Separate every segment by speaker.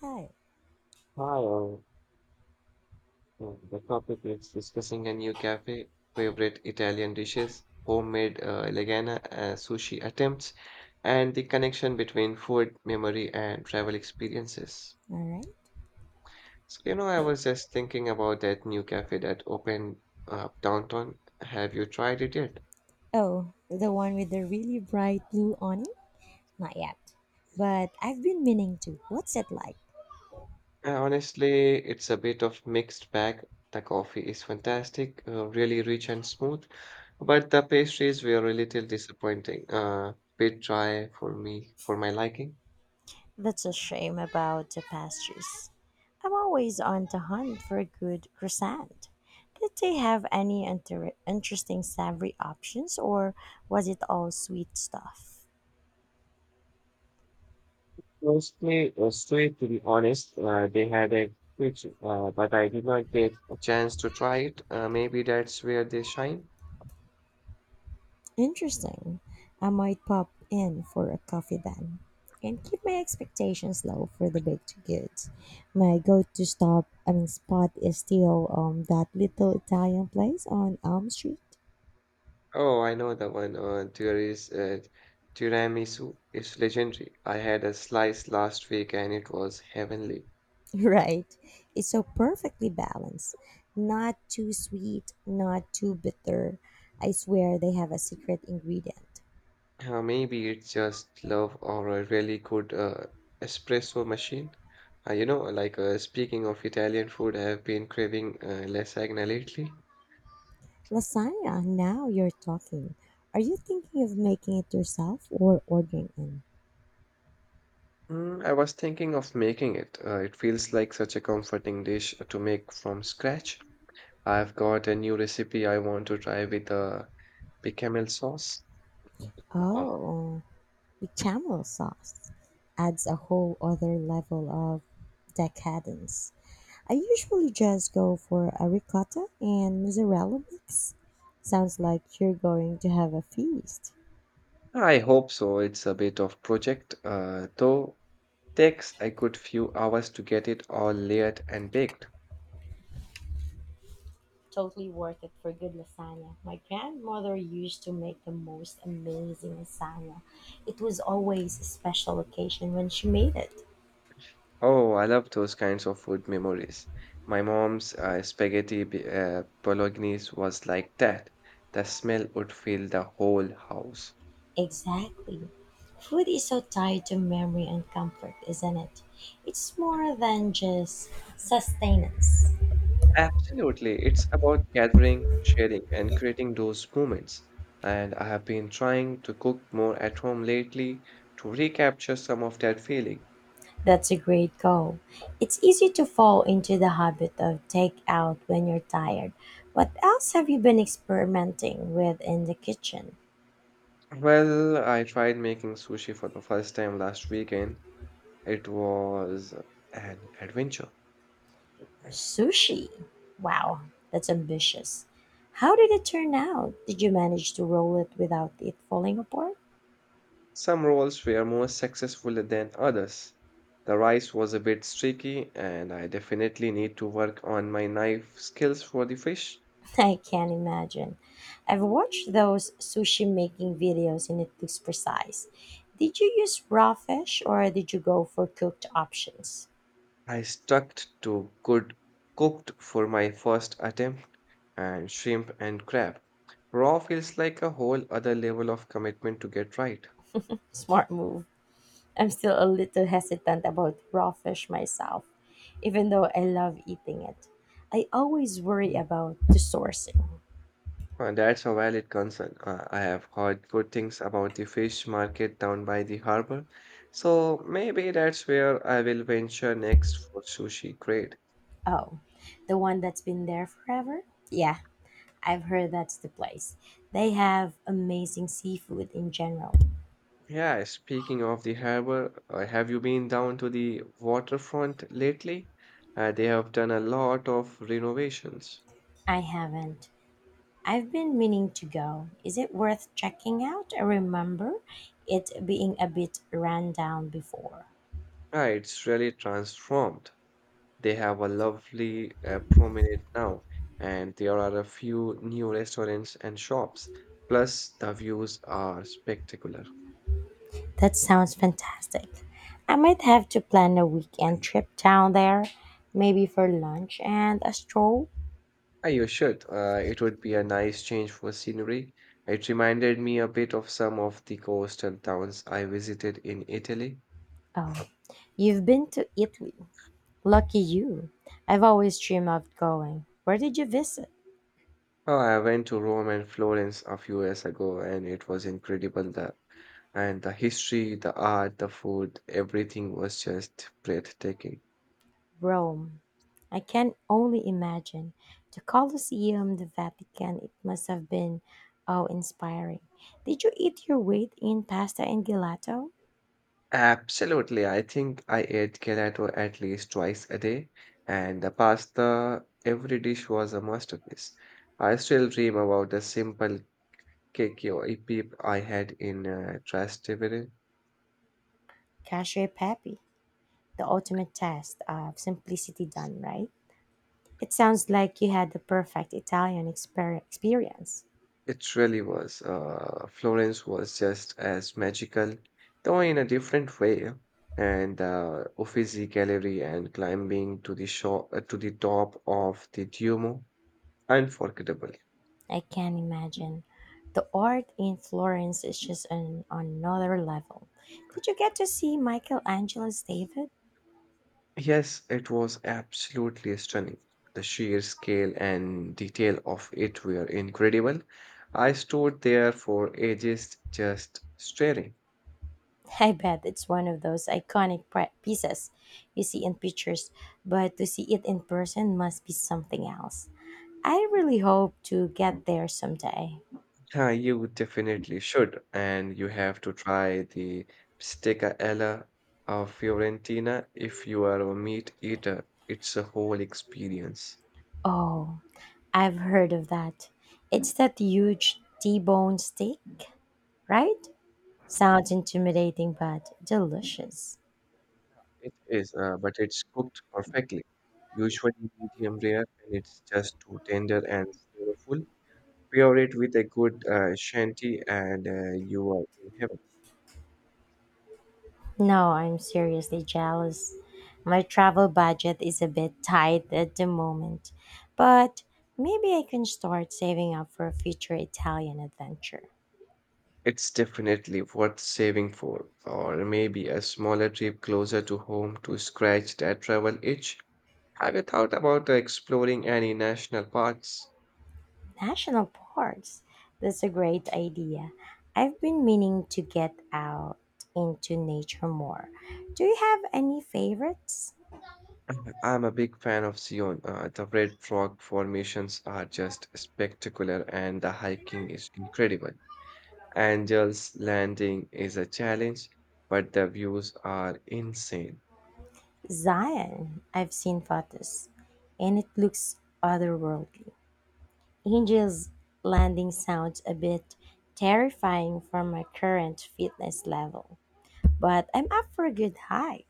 Speaker 1: Hi.
Speaker 2: Hi, all. The topic is discussing a new cafe, favorite Italian dishes, homemade Elegana sushi attempts, and the connection between food, memory, and travel experiences.
Speaker 1: All right.
Speaker 2: So, I was just thinking about that new cafe that opened up downtown. Have you tried it yet?
Speaker 1: Oh, the one with the really bright blue on it? Not yet, but I've been meaning to. What's it like?
Speaker 2: Honestly, it's a bit of mixed bag. The coffee is fantastic, really rich and smooth. But the pastries were a little disappointing, bit dry for me, for my liking.
Speaker 1: That's a shame about the pastries. I'm always on the hunt for a good croissant. Did they have any interesting savory options, or was it all sweet stuff?
Speaker 2: Mostly sweet, to be honest. They had a good, but I did not get. A chance to try it. Maybe that's where they shine.
Speaker 1: Interesting. I might pop in for a coffee then and keep my expectations low for the baked goods. My go-to stop, I mean spot is still that little Italian place on Elm Street.
Speaker 2: Oh, I know the one. There is tiramisu. It's legendary. I had a slice last week and it was heavenly.
Speaker 1: Right. It's so perfectly balanced. Not too sweet, not too bitter. I swear they have a secret ingredient.
Speaker 2: Maybe it's just love or a really good espresso machine. Speaking of Italian food, I have been craving lasagna lately.
Speaker 1: Lasagna, now you're talking. Are you thinking of making it yourself or ordering in?
Speaker 2: Mm, I was thinking of making it. It feels like such a comforting dish to make from scratch. I've got a new recipe I want to try with a bechamel sauce. Uh,
Speaker 1: Oh. With Chamel sauce adds a whole other level of decadence. I usually just go for a ricotta and mozzarella mix. Sounds like you're going to have a feast.
Speaker 2: I hope so. It's a bit of project, though takes a good few hours to get it all layered and baked.
Speaker 1: Totally worth it for good lasagna. My grandmother used to make the most amazing lasagna. It was always a special occasion when she made it.
Speaker 2: Oh, I love those kinds of food memories. My mom's bolognese was like that. The smell would fill the whole house.
Speaker 1: Exactly. Food is so tied to memory and comfort, isn't it? It's more than just sustenance.
Speaker 2: Absolutely. It's about gathering, sharing, and creating those moments. And I have been trying to cook more at home lately to recapture some of that feeling.
Speaker 1: That's a great goal. It's easy to fall into the habit of takeout when you're tired. What else have you been experimenting with in the kitchen?
Speaker 2: Well, I tried making sushi for the first time last weekend. It was an adventure.
Speaker 1: Sushi. Wow, that's ambitious. How did it turn out? Did you manage to roll it without it falling apart?
Speaker 2: Some roles were more successful than others. The rice was a bit streaky, and I definitely need to work on my knife skills for the fish.
Speaker 1: I can imagine. I've watched those sushi making videos and it looks precise. Did you use raw fish, or did you go for cooked options?
Speaker 2: I stuck to good cooked for my first attempt, and shrimp and crab. Raw feels like a whole other level of commitment to get right.
Speaker 1: Smart move. I'm still a little hesitant about raw fish myself, even though I love eating it. I always worry about the sourcing.
Speaker 2: That's a valid concern. I have heard good things about the fish market down by the harbor, so maybe that's where I will venture next for sushi. Great.
Speaker 1: Oh, the one that's been there forever? Yeah, I've heard that's the place. They have amazing seafood in general.
Speaker 2: Yeah, speaking of the harbor, have you been down to the waterfront lately? They have done a lot of renovations.
Speaker 1: I haven't. I've been meaning to go. Is it worth checking out? I remember it being a bit run down before.
Speaker 2: It's really transformed. They have a lovely promenade now, and there are a few new restaurants and shops. Plus, the views are spectacular.
Speaker 1: That sounds fantastic. I might have to plan a weekend trip down there, maybe for lunch and a stroll.
Speaker 2: Ah, you should. It would be a nice change for scenery. It reminded me a bit of some of the coastal towns I visited in Italy.
Speaker 1: Oh, you've been to Italy. Lucky you. I've always dreamed of going. Where did you visit?
Speaker 2: Oh, I went to Rome and Florence a few years ago, and it was incredible. And the history, the art, the food, everything was just breathtaking.
Speaker 1: Rome. I can only imagine. The Colosseum, the Vatican, it must have been awe inspiring. Did you eat your weight in pasta and gelato?
Speaker 2: Absolutely. I think I ate gelato at least twice a day, and the pasta, every dish was a masterpiece. I still dream about the simple cake or peep I had in Trastevere.
Speaker 1: Cashew pepe, the ultimate test of simplicity done right. It sounds like you had the perfect Italian experience.
Speaker 2: It really was. Florence was just as magical, though in a different way. And Uffizi Gallery and climbing to the shore, to the top of the Duomo, unforgettable.
Speaker 1: I can imagine. The art in Florence is just on another level. Did you get to see Michelangelo's David?
Speaker 2: Yes, it was absolutely stunning. The sheer scale and detail of it were incredible. I stood there for ages just staring.
Speaker 1: I bet it's one of those iconic pieces you see in pictures, but to see it in person must be something else. I really hope to get there someday.
Speaker 2: Yeah, you definitely should, and you have to try the Bistecca alla of Fiorentina if you are a meat eater. It's a whole experience.
Speaker 1: Oh, I've heard of that. It's that huge T-bone steak, right? Sounds intimidating but delicious.
Speaker 2: It is, but it's cooked perfectly, usually medium rare, and it's just too tender and flavorful. Pair it with a good shanty and you are in heaven.
Speaker 1: No, I'm seriously jealous. My travel budget is a bit tight at the moment, but maybe I can start saving up for a future Italian adventure.
Speaker 2: It's definitely worth saving for, or maybe a smaller trip closer to home to scratch that travel itch. Have you thought about exploring any national parks?
Speaker 1: National parks. That's a great idea. I've been meaning to get out into nature more. Do you have any favorites?
Speaker 2: I'm a big fan of Zion. The red rock formations are just spectacular, and the hiking is incredible. Angel's Landing is a challenge, but the views are insane.
Speaker 1: Zion. I've seen photos and it looks otherworldly. Angel's landing sounds a bit terrifying for my current fitness level, but I'm up for a good hike.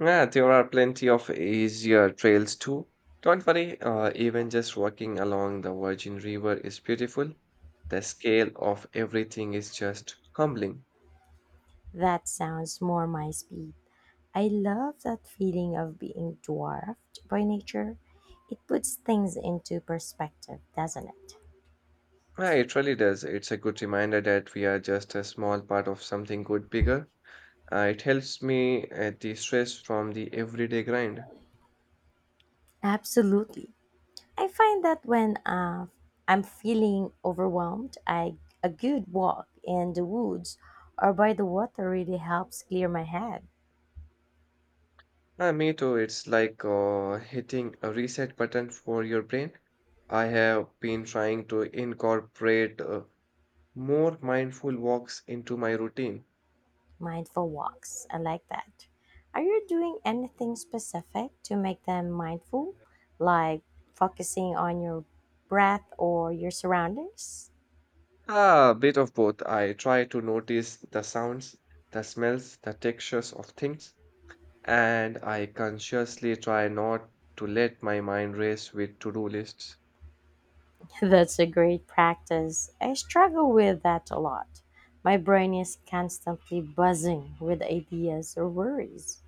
Speaker 2: Yeah, there are plenty of easier trails too. Don't worry, even just walking along the Virgin River is beautiful. The scale of everything is just humbling.
Speaker 1: That sounds more my speed. I love that feeling of being dwarfed by nature. It puts things into perspective, doesn't it?
Speaker 2: Yeah, it really does. It's a good reminder that we are just a small part of something good bigger. It helps me de-stress from the everyday grind.
Speaker 1: Absolutely. I find that when I'm feeling overwhelmed, I a good walk in the woods or by the water really helps clear my head.
Speaker 2: Me too. It's like hitting a reset button for your brain. I have been trying to incorporate more mindful walks into my routine.
Speaker 1: Mindful walks. I like that. Are you doing anything specific to make them mindful, like focusing on your breath or your surroundings?
Speaker 2: Ah, a bit of both. I try to notice the sounds, the smells, the textures of things, and I consciously try not to let my mind race with to-do lists.
Speaker 1: That's a great practice. I struggle with that a lot. My brain is constantly buzzing with ideas or worries.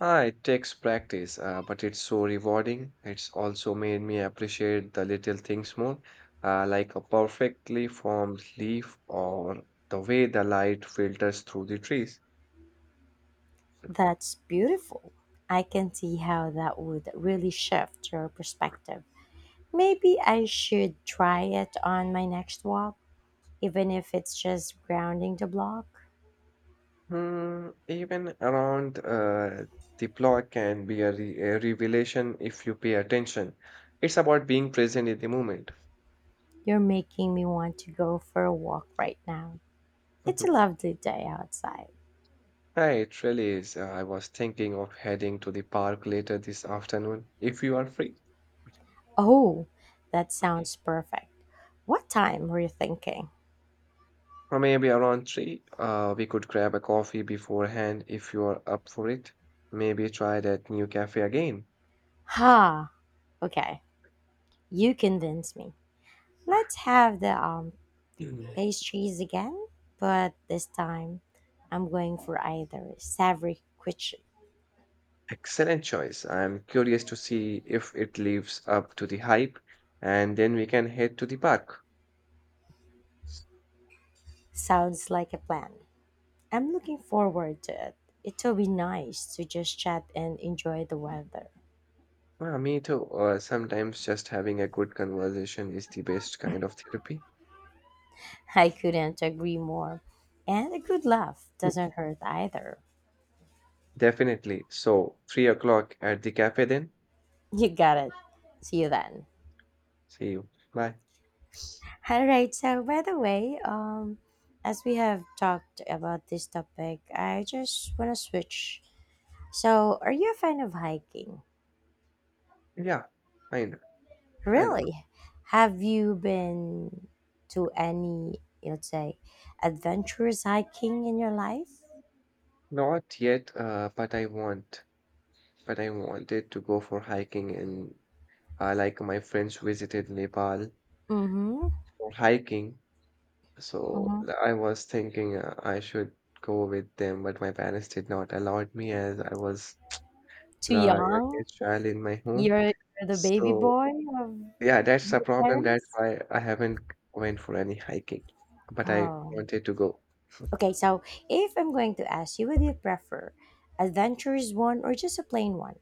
Speaker 2: Ah, it takes practice, but it's so rewarding. It's also made me appreciate the little things more, like a perfectly formed leaf or the way the light filters through the trees.
Speaker 1: That's beautiful. I can see how that would really shift your perspective. Maybe I should try it on my next walk, even if it's just grounding the block.
Speaker 2: Hmm, even around the plot can be a revelation if you pay attention. It's about being present in the moment.
Speaker 1: You're making me want to go for a walk right now. It's a lovely day outside.
Speaker 2: Hi, it really is. I was thinking of heading to the park later this afternoon if you are free.
Speaker 1: Oh, that sounds perfect. What time were you thinking?
Speaker 2: Or maybe around three. We could grab a coffee beforehand if you are up for it. Maybe try that new cafe again.
Speaker 1: Ha, okay, you convinced me. Let's have the pastries again, but this time I'm going for either savory quiche.
Speaker 2: Excellent choice. I'm curious to see if it lives up to the hype, and then we can head to the park.
Speaker 1: Sounds like a plan. I'm looking forward to it. It will be nice to just chat and enjoy the weather.
Speaker 2: Well, me too. Sometimes just having a good conversation is the best kind of therapy.
Speaker 1: I couldn't agree more. And a good laugh
Speaker 2: Mm.
Speaker 1: doesn't hurt either.
Speaker 2: Definitely. So, 3 o'clock at the cafe then.
Speaker 1: You got it. See you then.
Speaker 2: See you. Bye.
Speaker 1: All right. So, by the way, as we have talked about this topic, I just want to switch. So, are you a fan of hiking?
Speaker 2: Yeah, kind of, kind of.
Speaker 1: Really? Have you been to any, let's say, adventurous hiking in your life?
Speaker 2: Not yet, but I wanted to go for hiking and my friends visited Nepal
Speaker 1: Mm-hmm.
Speaker 2: for hiking. So
Speaker 1: Mm-hmm.
Speaker 2: I was thinking I should go with them, but my parents did not allow me as I was
Speaker 1: Too
Speaker 2: the
Speaker 1: young?
Speaker 2: youngest child in my home.
Speaker 1: You're the baby
Speaker 2: So
Speaker 1: boy of
Speaker 2: yeah, that's a
Speaker 1: your
Speaker 2: problem. That's
Speaker 1: parents?
Speaker 2: why I haven't went for any hiking. But I
Speaker 1: Oh,
Speaker 2: wanted to go.
Speaker 1: okay. So if I'm going to ask you, would you prefer adventurous one or just a plain one?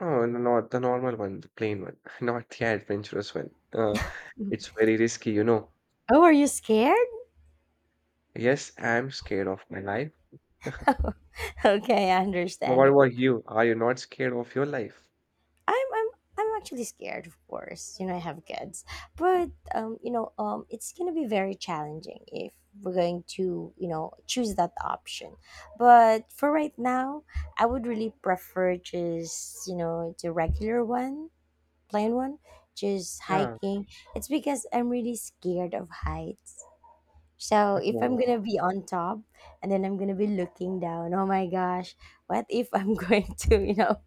Speaker 2: Oh, no, not the normal one, the plain one, not the adventurous one. It's very risky, you know.
Speaker 1: Oh, are you scared?
Speaker 2: Yes, I'm scared of my life.
Speaker 1: Okay,
Speaker 2: Now, what about
Speaker 1: understandable.
Speaker 2: you? Are you not scared of your life?
Speaker 1: I'm I'm I'm actually scared, of course. You know, I have kids, but you know, it's gonna be very challenging if we're going to, you know, choose that option. But for right now, I would really prefer just, you know, the regular one. Plain one, just
Speaker 2: Yeah.
Speaker 1: hiking. It's because I'm really scared of heights. So if I'm
Speaker 2: Oh.
Speaker 1: gonna be on top and then I'm gonna be looking down, oh my gosh, what if I'm going to, you know,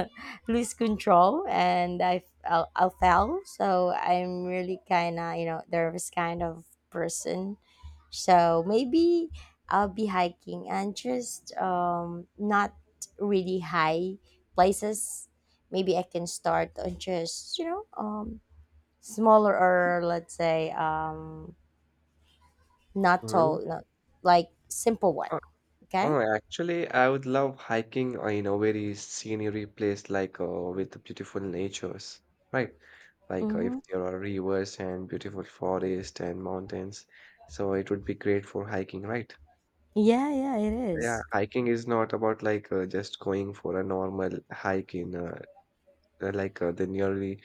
Speaker 1: lose control and I fell. So I'm really kind of, you know, nervous kind of person. So maybe I'll be hiking and just not really high places. Maybe I can start on just, you know, smaller, or let's say not
Speaker 2: Mhm.
Speaker 1: tall, not, like simple one. Okay.
Speaker 2: Oh, actually, I would love hiking in a very scenery place like with beautiful natures, right? Like if
Speaker 1: Mm-hmm.
Speaker 2: there are rivers and beautiful forest and mountains, so it would be great for hiking, right?
Speaker 1: Yeah, yeah, it
Speaker 2: Yeah,
Speaker 1: is.
Speaker 2: hiking is not about like just going for a normal hike in the nearly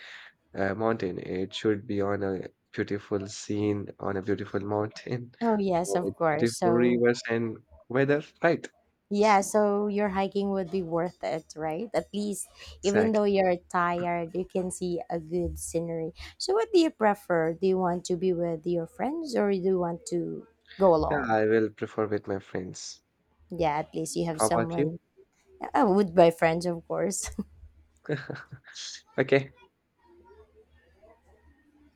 Speaker 2: mountain. It should be on a beautiful scene on a beautiful mountain
Speaker 1: Oh, yes,
Speaker 2: with
Speaker 1: of course.
Speaker 2: beautiful
Speaker 1: So
Speaker 2: rivers and weather, right?
Speaker 1: yeah, so your hiking would be worth it, right? At least, even
Speaker 2: Exactly.
Speaker 1: though you're tired, you can see a good scenery. So, what do you prefer? Do you want to be with your friends or do you want to go
Speaker 2: Yeah,
Speaker 1: alone?
Speaker 2: I will prefer with my friends.
Speaker 1: Yeah, at least you have
Speaker 2: How about you?
Speaker 1: someone. With my friends, of course.
Speaker 2: Okay.